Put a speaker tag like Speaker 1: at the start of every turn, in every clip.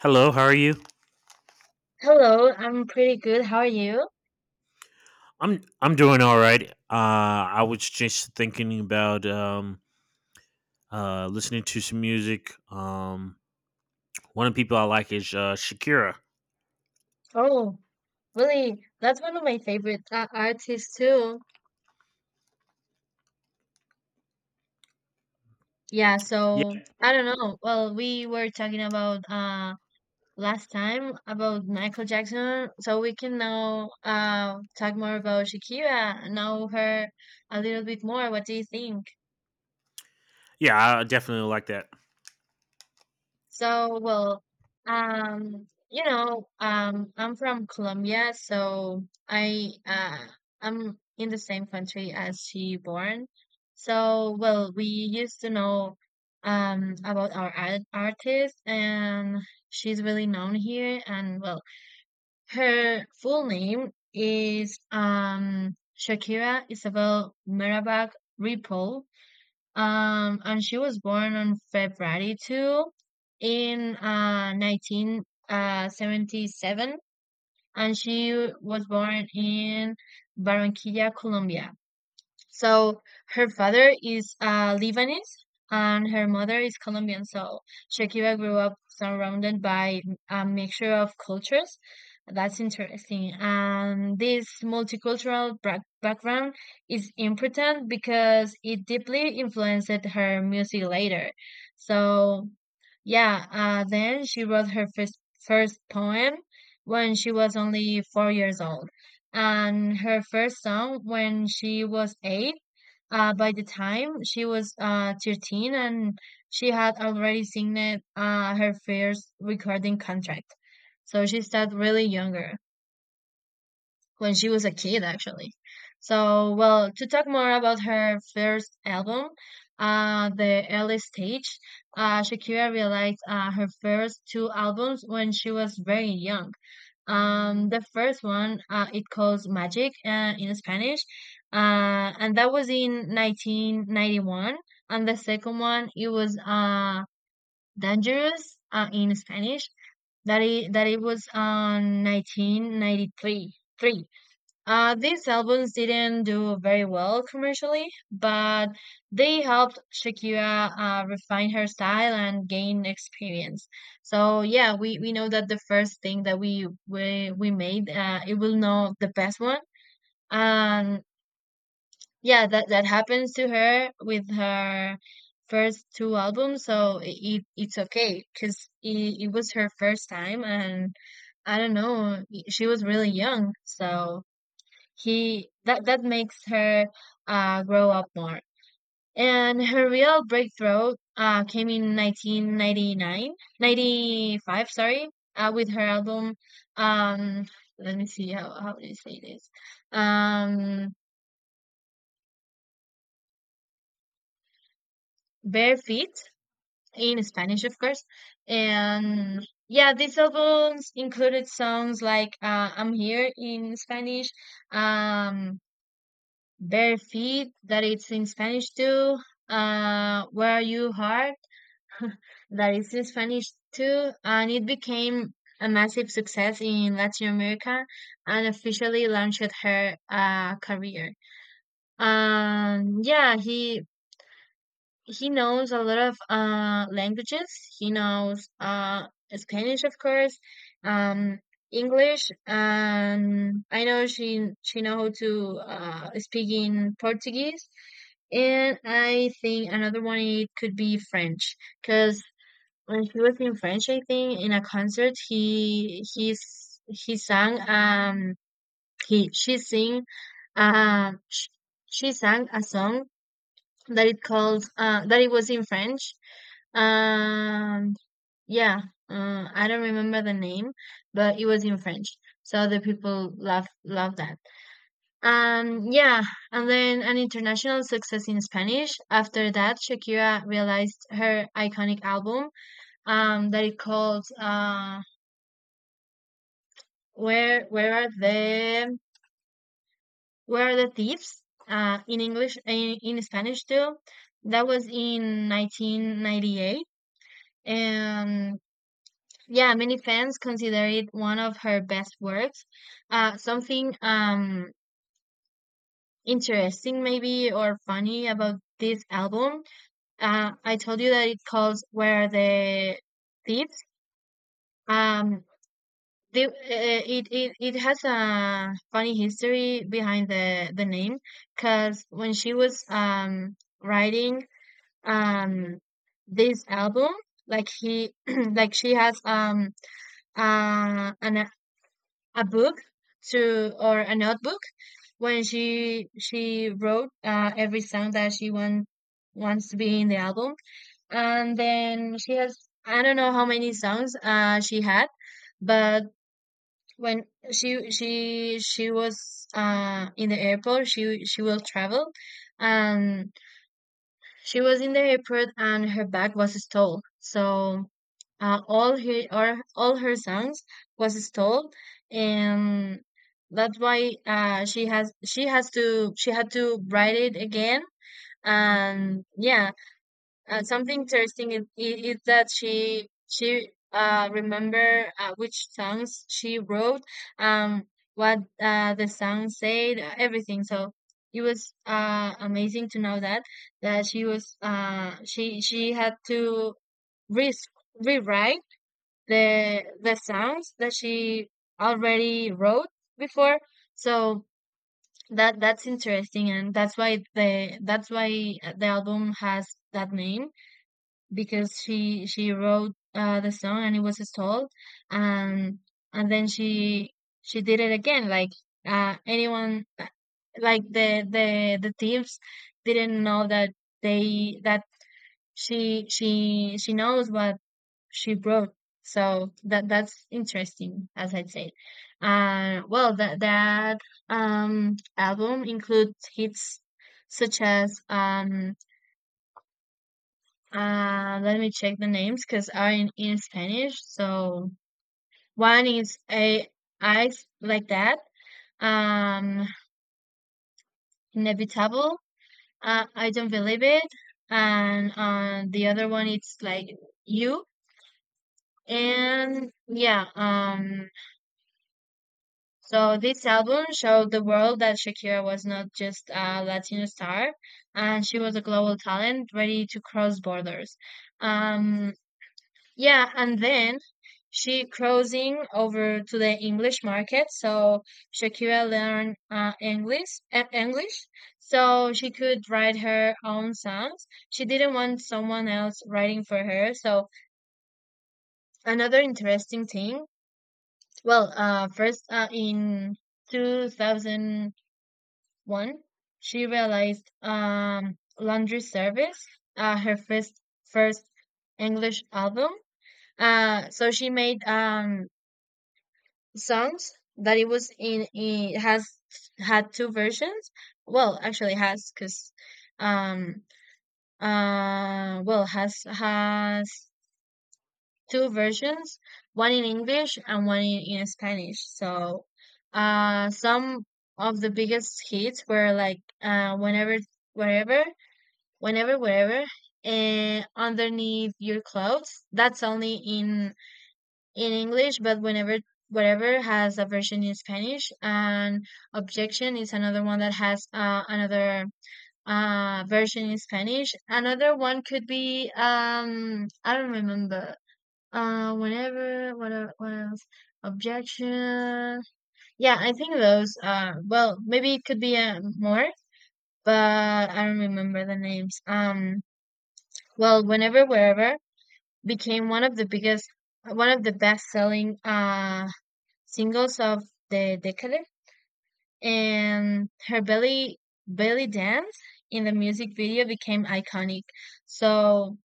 Speaker 1: Hello, how are you?
Speaker 2: Hello, I'm pretty good. How are you?
Speaker 1: I'm doing all right. I was just thinking about listening to some music. One of the people I like is Shakira.
Speaker 2: Oh, really? That's one of my favorite artists too. Yeah,
Speaker 1: Yeah,
Speaker 2: so I don't know. Well, we were talking about last time about Michael Jackson, so we can now talk more about Shakira, know her a little bit more. What do you think?
Speaker 1: yeah, I definitely like that.
Speaker 2: So, well, I'm from Colombia, so I'm in the same country as she born. So, well, we used to know about our artist, and she's really known here. And well, her full name is Shakira Isabel Mirabag Ripoll. And she was born on February 2nd in 1977, and she was born in Barranquilla, Colombia. So her father is Lebanese and her mother is Colombian. So Shakira grew up surrounded by a mixture of cultures. That's interesting. And this background is important because it deeply influenced her music later. So yeah, then she wrote her first poem when she was only 4 years old, and her first song when she was eight. By the time she was 13, and she had already signed her first recording contract. So she started really younger when she was a kid, actually. So, well, to talk more about her first album, the early stage, Shakira realized her first two albums when she was very young. The first one, it calls Magic in Spanish, and that was in 1991. And the second one, it was Dangerous in Spanish, that it was on 1993. These albums didn't do very well commercially, but they helped Shakira refine her style and gain experience. So yeah, we know that the first thing that we made, it will know the best one. And yeah, that happens to her with her first two albums. So it's okay because it was her first time, and I don't know, she was really young, so he that makes her grow up more. And her real breakthrough came in 95. Sorry, with her album. Um, Let me see how do you say this? Um, Bare Feet in Spanish, of course. And yeah, these albums included songs like "I'm Here" in Spanish, um, Bare feet, that it's in Spanish too. Where you heart, that it's in Spanish too. And it became a massive success in Latin America and officially launched her career. Yeah, he knows a lot of languages. He knows Spanish, of course, um, English, and I know she know how to speak in Portuguese. And I think another one it could be French, because when he was in French, I think in a concert he sang he she sing sh she sang a song that it calls that it was in French. And yeah, I don't remember the name, but it was in French. So the people love that. And yeah, and then an international success in Spanish. After that, Shakira realized her iconic album that it called "Where Where Are the "Where Are the Thieves?" In Spanish too. That was in 1998. And yeah, many fans consider it one of her best works. Something interesting, maybe, or funny about this album. I told you that it calls Where the Thieves. Um, it has a funny history behind the name because when she was writing um, this album, like she has an a book to or a notebook when she wrote every song that she want, wants to be in the album, and then she has I don't know how many songs she had. But when she was in the airport, she will travel, and she was in the airport and her bag was stole. So all her songs was stole, and that's why she had to write it again. And yeah, something interesting is that she remember which songs she wrote, um, what the song said, everything. So it was amazing to know that she was she had to re- rewrite the songs that she already wrote before. So that's interesting, and that's why the album has that name because she wrote the song and it was stalled, and then she did it again like anyone like the thieves didn't know that they that she knows what she wrote. So that's interesting, as I said. Well that that album includes hits such as let me check the names because are in Spanish. So one is a eyes like that. Um, inevitable. I don't believe it. And the other one it's like you. And yeah. So this album showed the world that Shakira was not just a Latino star, and she was a global talent ready to cross borders. Um Yeah, and then she crossing over to the English market, so Shakira learned English, so she could write her own songs. She didn't want someone else writing for her. So another interesting thing. Well, first in 2001, she realized laundry service, her first English album. So she made songs that it was in has had two versions. Well, actually has because um has two versions, one in English and one in Spanish. So some of the biggest hits were like wherever whenever wherever and underneath your clothes. That's only in English, but whenever whatever has a version in Spanish, and Objection is another one that has another version in Spanish. Another one could be I don't remember. What else? Objection. Yeah, I think those. Well, maybe it could be more, but I don't remember the names. Well, whenever wherever became one of the biggest, one of the best selling singles of the decade, and her belly dance in the music video became iconic. So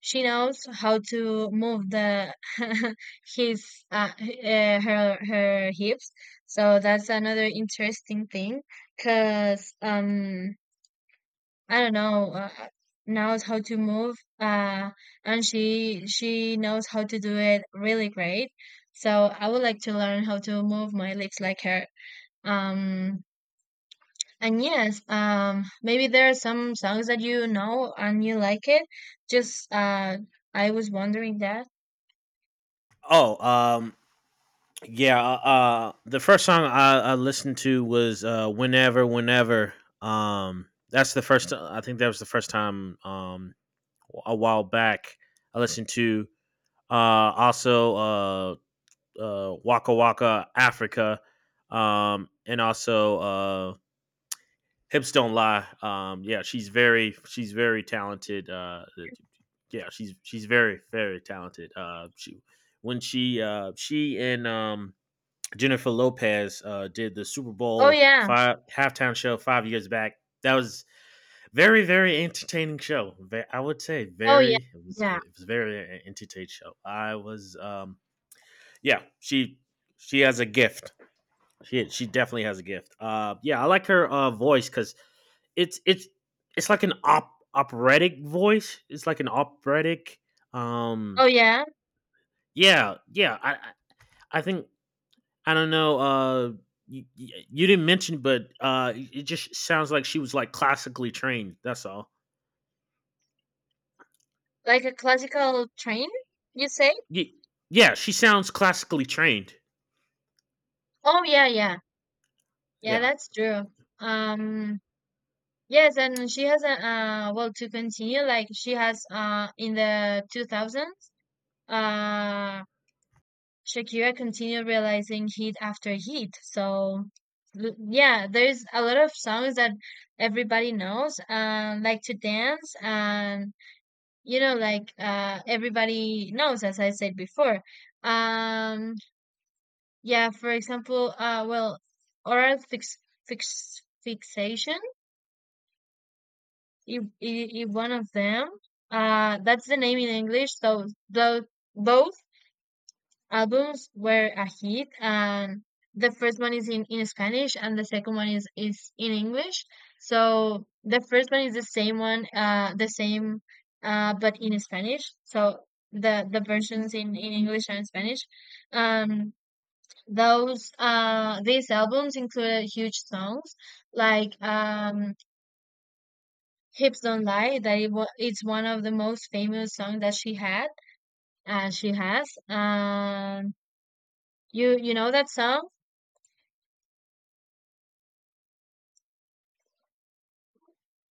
Speaker 2: she knows how to move the his her her hips. So that's another interesting thing, cause I don't know knows how to move and she knows how to do it really great. So I would like to learn how to move my lips like her. Um, and yes, maybe there are some songs that you know and you like it. Just I was wondering that.
Speaker 1: Oh, yeah. The first song I listened to was "Whenever, Whenever." That's the first. I think that was the first time a while back I listened to. Also, Waka Waka Africa, and also Hips Don't Lie. Yeah, she's very talented. Yeah, she's very very talented. She when she and Jennifer Lopez did the Super
Speaker 2: Oh,
Speaker 1: Bowl
Speaker 2: yeah.
Speaker 1: five halftime show 5 years back. That was very very entertaining show. I would say
Speaker 2: Oh, yeah.
Speaker 1: very it was
Speaker 2: Yeah.
Speaker 1: it was very entertaining show. I was Yeah, she has a gift. She definitely has a gift. Yeah, I like her voice because it's it's it's like an op operatic voice. It's like an operatic. Um,
Speaker 2: Oh, yeah.
Speaker 1: yeah, yeah. I think. I don't know. You didn't mention, but it just sounds like she was like classically trained. That's all.
Speaker 2: Like a classical train, you say?
Speaker 1: Ye- Yeah, she sounds classically trained.
Speaker 2: Oh, yeah, yeah. Yeah,
Speaker 1: Yeah.
Speaker 2: that's true. Um, yes, and she has a well, to continue, like she has in the 2000s. Uh Shakira continued realizing hit after hit. So yeah, there's a lot of songs that everybody knows, like to dance, and you know, like everybody knows, as I said before. Um, yeah, for example, well, oral fix fix fixation is one of them. That's the name in English. So those both albums were a hit, and the first one is in Spanish and the second one is in English. So the first one is the same one, the same, but in Spanish. So the versions in English and Spanish. Um, these albums included huge songs like, Hips Don't Lie, it's one of the most famous songs that she has. You know that song?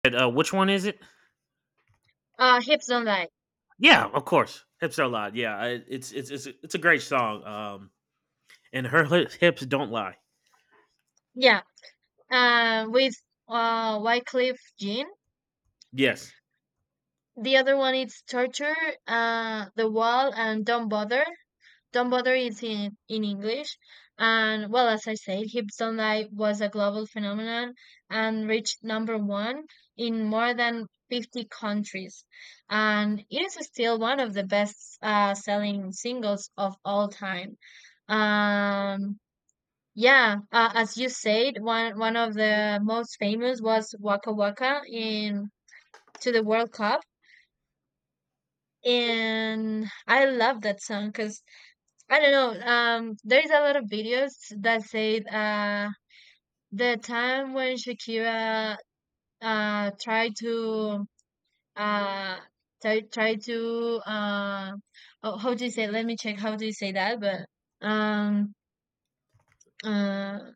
Speaker 1: And, which one is it?
Speaker 2: Hips Don't Lie.
Speaker 1: Yeah, of course. Hips Don't Lie. Yeah, it's a great song. And her hips don't lie.
Speaker 2: Yeah. With Wycliffe Jean.
Speaker 1: Yes.
Speaker 2: The other one is Torture, The Wall, and Don't Bother. Don't Bother is in English. And well, as I said, Hips Don't Lie was a global phenomenon and reached number one in more than 50 countries. And it is still one of the best selling singles of all time. Um, Yeah, as you said, one of the most famous was Waka Waka in to the World Cup, and I love that song because I don't know. There is a lot of videos that say the time when Shakira tried to uh try try to oh, how do you say? Let me check. How do you say that? But um uh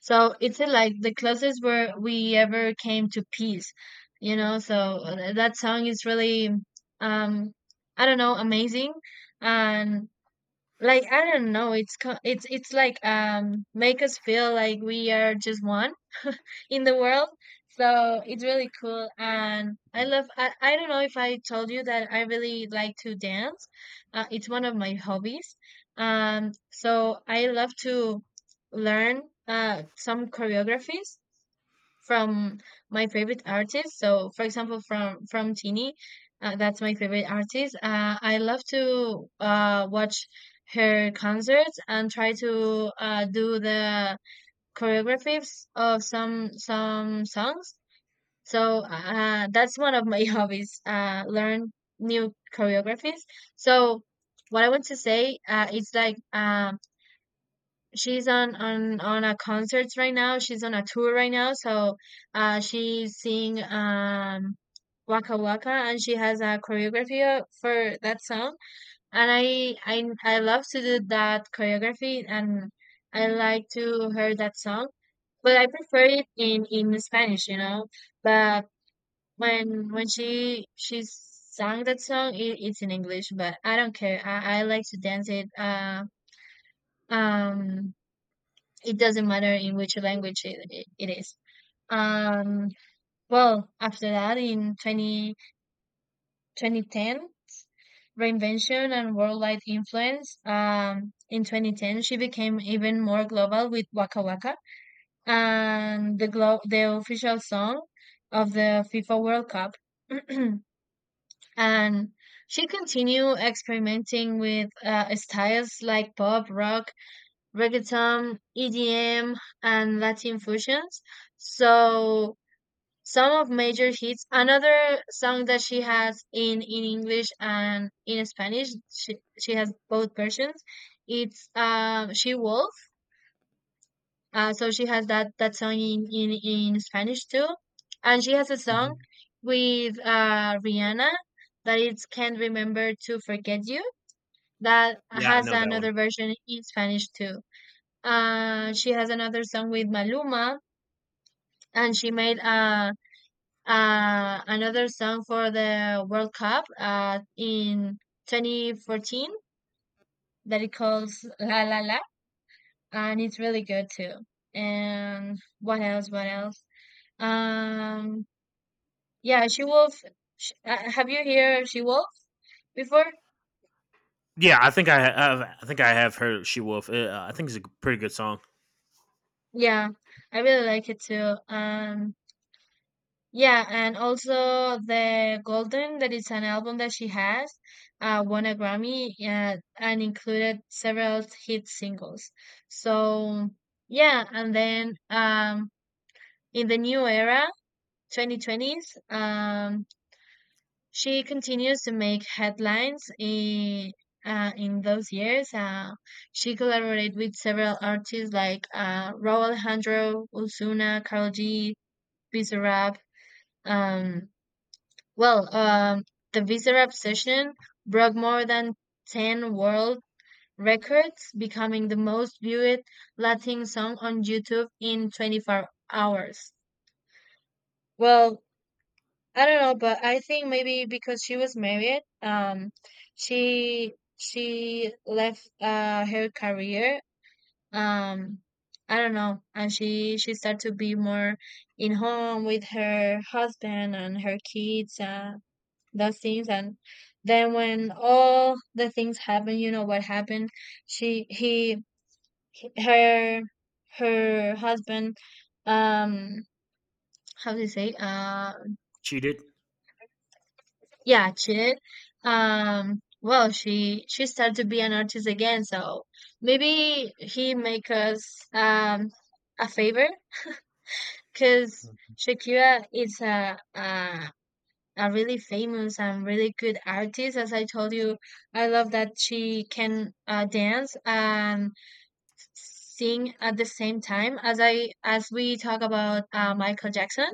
Speaker 2: So it's like the closest where we ever came to peace, you know. So that song is really, um, I don't know, amazing, and like I don't know, it's co- it's like make us feel like we are just one in the world. So it's really cool, and I love. I don't know if I told you that I really like to dance. It's one of my hobbies. So I love to learn some choreographies from my favorite artists. So, for example, from Tini, that's my favorite artist. I love to watch her concerts and try to do the choreographies of some songs. So that's one of my hobbies. Learn new choreographies. So what I want to say is like she's on a concerts right now. She's on a tour right now, so she's singing Waka Waka, and she has a choreography for that song. And I love to do that choreography, and I like to hear that song, but I prefer it in Spanish. But when she sang that song, it's in English, but I don't care. I like to dance it. Um it doesn't matter in which language it is. Um, well, after that, in 20 2010, reinvention and worldwide influence. In 2010, she became even more global with Waka Waka and the official song of the FIFA World Cup. And she continued experimenting with styles like pop, rock, reggaeton, EDM, and Latin fusions. So some of major hits. Another song that she has in English and in Spanish. She has both versions. It's She Wolf. So she has that song in Spanish too, and she has a song
Speaker 1: Mhm.
Speaker 2: with Rihanna that it's Can't Remember to Forget You that
Speaker 1: Yeah, I
Speaker 2: has
Speaker 1: know that one.
Speaker 2: another version in Spanish too. She has another song with Maluma, and she made another song for the World Cup in 2014 that it calls La La La, and it's really good too. And what else? What else? Um, yeah, She Wolf. Sh Have you heard She Wolf before?
Speaker 1: Yeah, I think I have. I think I have heard "She Wolf." I think it's a pretty good song.
Speaker 2: Yeah, I really like it too. Yeah, and also the Golden, that is an album that she has, won a Grammy and included several hit singles. So yeah, and then in the new era, 2020s, she continues to make headlines in those years. She collaborated with several artists like Raúl Alejandro, Ozuna, Karol G, Bizarrap. um Well, the visa obsession broke more than 10 world records, becoming the most viewed Latin song on YouTube in 24 hours. Well, I don't know, but I think maybe because she was married, she left her career. Um, I don't know, and she started to be more in home with her husband and her kids. Those things. And then when all the things happen, you know what happened. She he- her Her husband, um how do you say,
Speaker 1: Cheated.
Speaker 2: yeah, cheated. Well, she started to be an artist again. So maybe he make us a favor because Shakira is a really famous and really good artist. As I told you, I love that she can dance and sing at the same time. As we talk about Michael Jackson,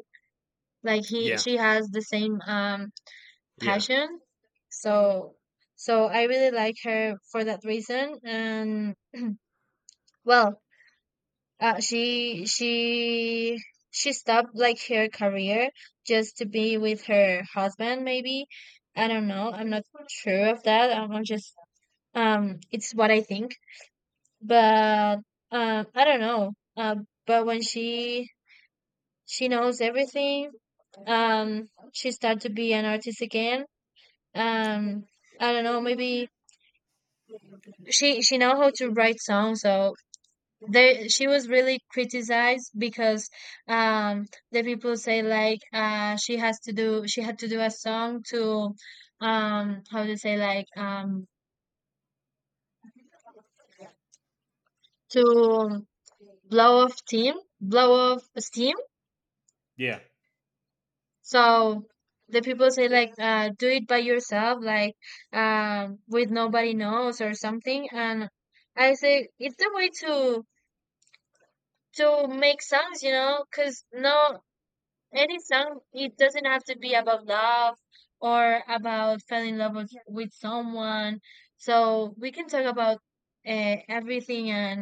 Speaker 2: like he
Speaker 1: Yeah,
Speaker 2: she has the same
Speaker 1: yeah,
Speaker 2: passion. So so I really like her for that reason. And well, Uh, she she she stopped like her career just to be with her husband, maybe. I don't know. I'm not so sure of that. I'm just, it's what I think. But I don't know. But when she knows everything, um, she started to be an artist again. Um, I don't know. Maybe she know how to write songs, so they she was really criticized because um the people say like she had to do a song to, how to say, like, to blow off steam, blow off steam.
Speaker 1: yeah,
Speaker 2: So the people say, like, do it by yourself, like, with nobody knows or something. And I say it's the way to make songs, you know, because no. Any song, it doesn't have to be about love or about falling in love with, someone. So we can talk about everything and,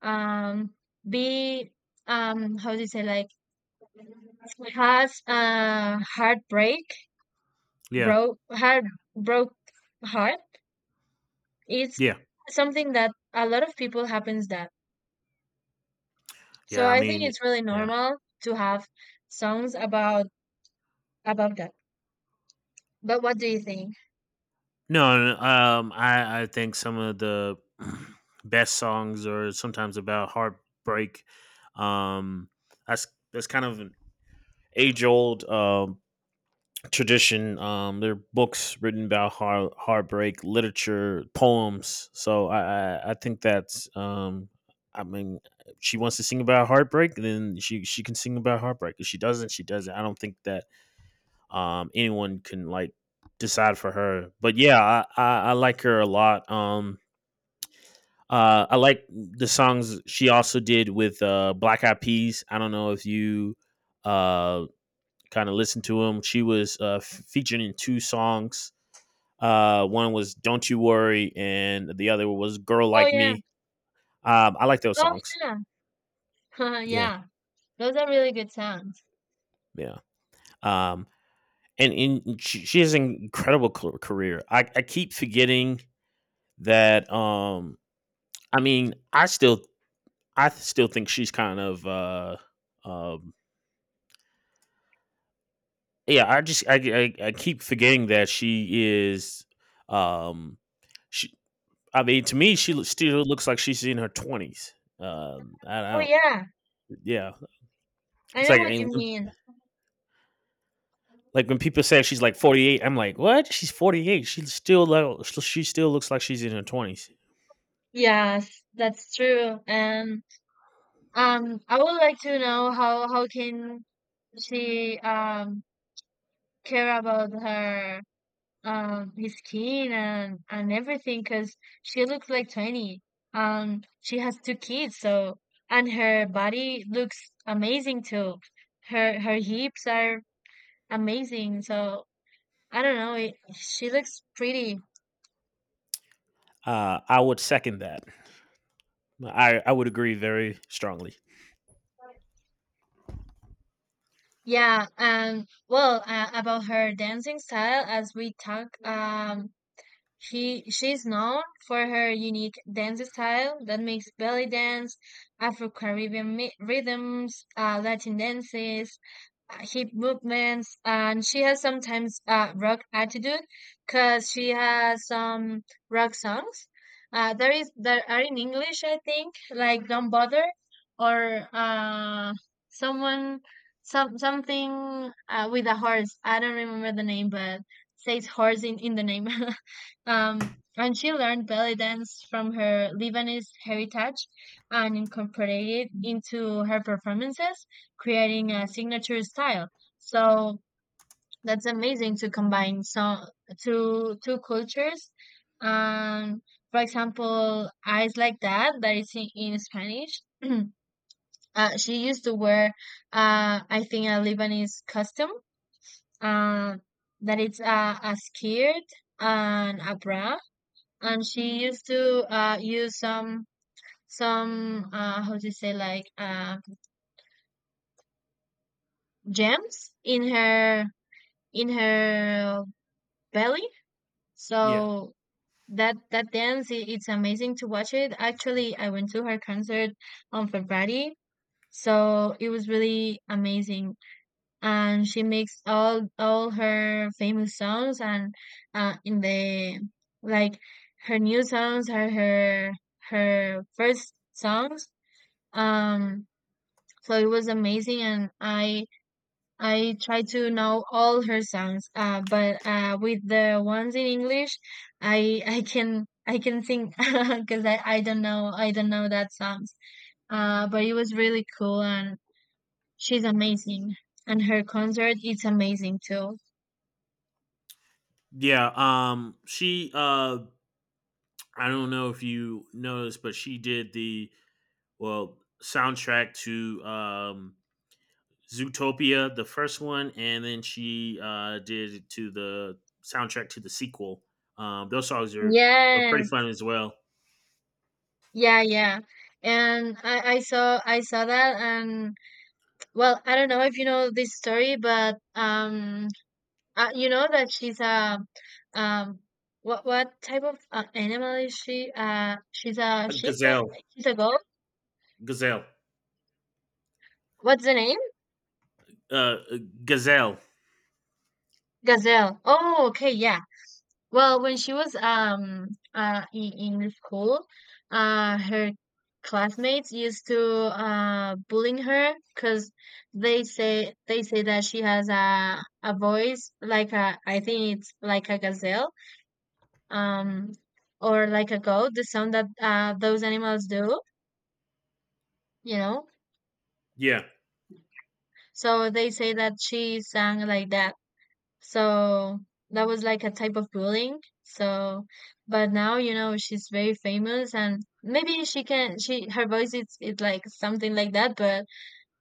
Speaker 2: um, be, how do you say, like, has a heartbreak,
Speaker 1: yeah,
Speaker 2: broke heart, broke heart. It's
Speaker 1: yeah,
Speaker 2: something that a lot of people happens that. So
Speaker 1: yeah. I
Speaker 2: I think
Speaker 1: mean,
Speaker 2: it's really
Speaker 1: yeah.
Speaker 2: normal to have songs about that. But what do you think?
Speaker 1: No, no, I think some of the best songs are sometimes about heartbreak. Um, that's that's kind of an age old tradition. There are books written about heartbreak, literature, poems. So I think that's. I mean, she wants to sing about heartbreak, then she can sing about heartbreak. If she doesn't, she doesn't. I don't think that anyone can like decide for her. But yeah, I like her a lot. I like the songs she also did with Black Eyed Peas. I don't know if you uh, kind of listened to them. She was featured in two songs. One was "Don't You Worry," and the other was "Girl
Speaker 2: Oh
Speaker 1: Like
Speaker 2: yeah.
Speaker 1: Me." I like those
Speaker 2: Oh
Speaker 1: songs.
Speaker 2: yeah,
Speaker 1: Yeah.
Speaker 2: yeah. Those are really good sounds.
Speaker 1: Yeah. Um, and she has an incredible career. I keep forgetting that. I mean, I still think she's kind of um, yeah. I just I keep forgetting that she is um, she. I mean, to me, she still looks like she's in her 20s. I
Speaker 2: Oh
Speaker 1: don't.
Speaker 2: yeah,
Speaker 1: Yeah,
Speaker 2: I
Speaker 1: it's
Speaker 2: know
Speaker 1: like
Speaker 2: what
Speaker 1: and
Speaker 2: you mean.
Speaker 1: Like when people say she's like 48, I'm like, what? She's 48. She still looks like she's in her 20s.
Speaker 2: Yes, that's true. And I would like to know how can she care about her, his skin and everything because she looks like 20. She has two kids, so and her body looks amazing too. Her hips are amazing. So I don't know. It, she looks pretty.
Speaker 1: I would second that. I would agree very strongly.
Speaker 2: Yeah. Well, about her dancing style, as we talk, she's known for her unique dance style that makes belly dance, Afro Caribbean rhythms, Latin dances. Hip movements, and she has sometimes rock attitude because she has some rock songs. There are in English, I think, like Don't Bother, or someone, something with a horse. I don't remember the name, but says horse in the name. And she learned belly dance from her Lebanese heritage and incorporated it into her performances, creating a signature style. So that's amazing to combine so two cultures. Um, for example, Eyes Like That, that is in Spanish. She used to wear, I think, a Lebanese costume. Uh, that it's a skirt and a bra. And she used to use some how to say, like, gems in her, in her belly.
Speaker 1: Yeah.
Speaker 2: So that dance, it's amazing to watch it. Actually, I went to her concert on February, so it was really amazing. And she makes all her famous songs, and in the, like, her new songs are her, first songs. Um, so it was amazing, and I tried to know all her songs. But with the ones in English, I I can sing because I don't know that songs. But it was really cool, and she's amazing, and her concert it's amazing too.
Speaker 1: Yeah. She I don't know if you noticed, but she did the well soundtrack to Zootopia, the first one, and then she did it to the soundtrack to the sequel. Those songs are pretty
Speaker 2: Yes,
Speaker 1: fun as well.
Speaker 2: yeah, yeah. And I saw that. And well, I don't know if you know this story, but you know that she's a, um what type of animal is she? She's a sheep.
Speaker 1: Gazelle.
Speaker 2: She's a goat.
Speaker 1: Gazelle.
Speaker 2: What's the name?
Speaker 1: Uh, Gazelle.
Speaker 2: Gazelle. Oh, okay, yeah. Well, when she was in school, her classmates used to bullying her because they say that she has a voice like a, I think it's like a gazelle, um or like a goat, the sound that those animals do, you know?
Speaker 1: Yeah,
Speaker 2: So they say that she sang like that. So that was like a type of bullying. So, but now, you know, she's very famous and maybe she can, she, her voice is like something like that, but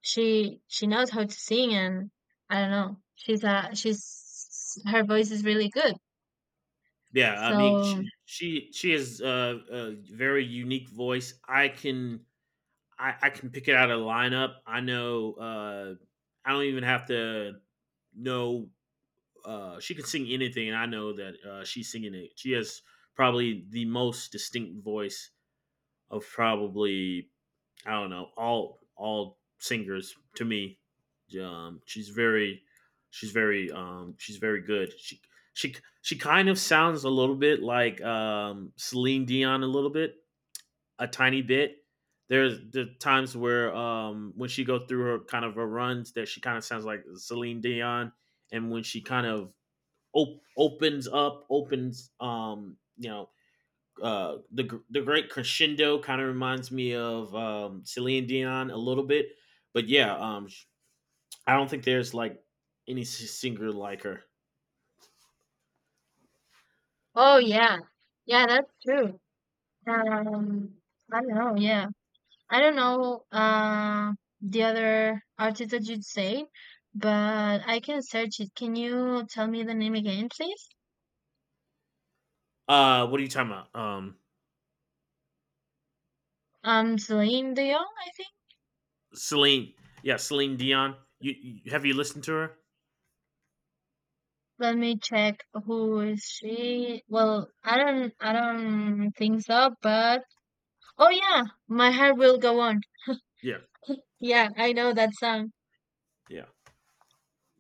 Speaker 2: she knows how to sing, and I don't know. Her voice is really good.
Speaker 1: yeah. I mean,
Speaker 2: So,
Speaker 1: she has a very unique voice. I can pick it out of the lineup. I know. I don't even have to know. She can sing anything, and I know that she's singing it. She has probably the most distinct voice of probably I don't know all singers to me. Um, she's very she's very good. She she kind of sounds a little bit like Celine Dion a little bit, a tiny bit. There's the times where when she go through her kind of her runs that she kind of sounds like Celine Dion, and when she kind of opens up, opens you know the great crescendo kind of reminds me of Celine Dion a little bit, but yeah, I don't think there's like any singer like her.
Speaker 2: oh yeah. Yeah, that's true. Um, I don't know. Yeah. I don't know the other artist that you'd say, but I can search it. Can you tell me the name again, please?
Speaker 1: What are you talking about?
Speaker 2: Celine Dion, I think.
Speaker 1: Celine, yeah, Celine Dion. You have you listened to her?
Speaker 2: Let me check who is she. Well, I don't think so. But oh yeah, My Heart Will Go On.
Speaker 1: Yeah,
Speaker 2: Yeah, I know that song.
Speaker 1: yeah,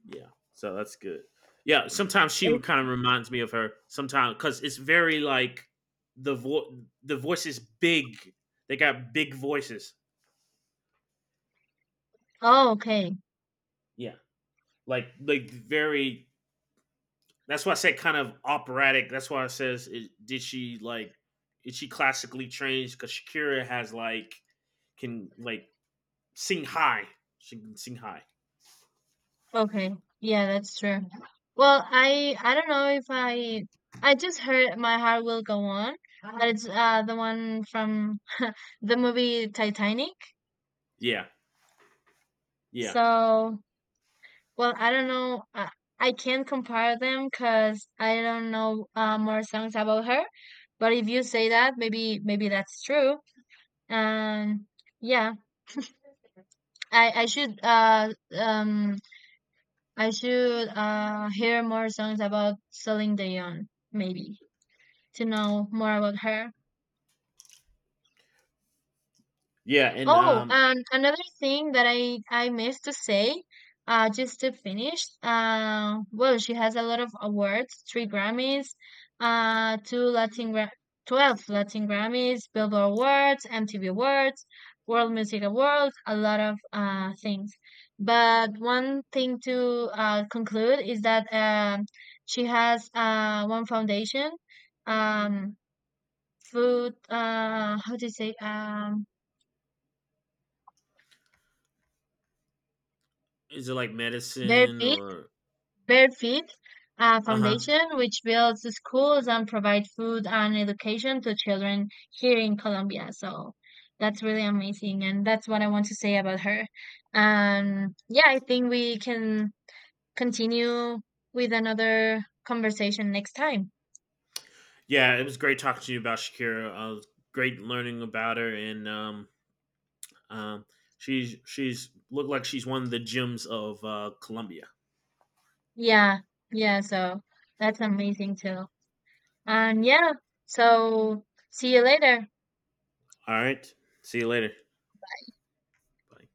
Speaker 1: yeah. So that's good. Yeah, sometimes she would
Speaker 2: It-
Speaker 1: kind of reminds me of her. Sometimes because it's very like the voice is big. They got big voices.
Speaker 2: oh, okay.
Speaker 1: Yeah, like very That's why I said kind of operatic. That's why I says, did she like, is she classically trained? Because Shakira can like sing high. She can sing high.
Speaker 2: Okay. Yeah, that's true. Well, I don't know if I just heard My Heart Will Go On, but it's the one from the movie Titanic.
Speaker 1: Yeah. Yeah.
Speaker 2: So, well, I don't know. I can't compare them because I don't know more songs about her. But if you say that, maybe that's true. Um, yeah, I I should uh um I should hear more songs about Celine Dion, maybe. To know more about her.
Speaker 1: Yeah. And
Speaker 2: Oh, and another thing that I missed to say, just to finish, well, she has a lot of awards: three Grammys, uh, two Latin Gra- 12 Latin Grammys, Billboard Awards, MTV Awards, World Music Awards, a lot of things. But one thing to conclude is that she has one foundation. Um, Food, how to say,
Speaker 1: is it like medicine
Speaker 2: Barefoot,
Speaker 1: or?
Speaker 2: Barefoot
Speaker 1: Uh huh.
Speaker 2: Foundation, which builds schools and provide food and education to children here in Colombia. So that's really amazing, and that's what I want to say about her. Yeah, I think we can continue with another conversation next time.
Speaker 1: Yeah. It was great talking to you about Shakira. Great learning about her. And um, she's looked like she's one of the gems of Columbia.
Speaker 2: Yeah, yeah. So that's amazing too. And
Speaker 1: Yeah.
Speaker 2: yeah, so see you later.
Speaker 1: All right. See you later. Bye.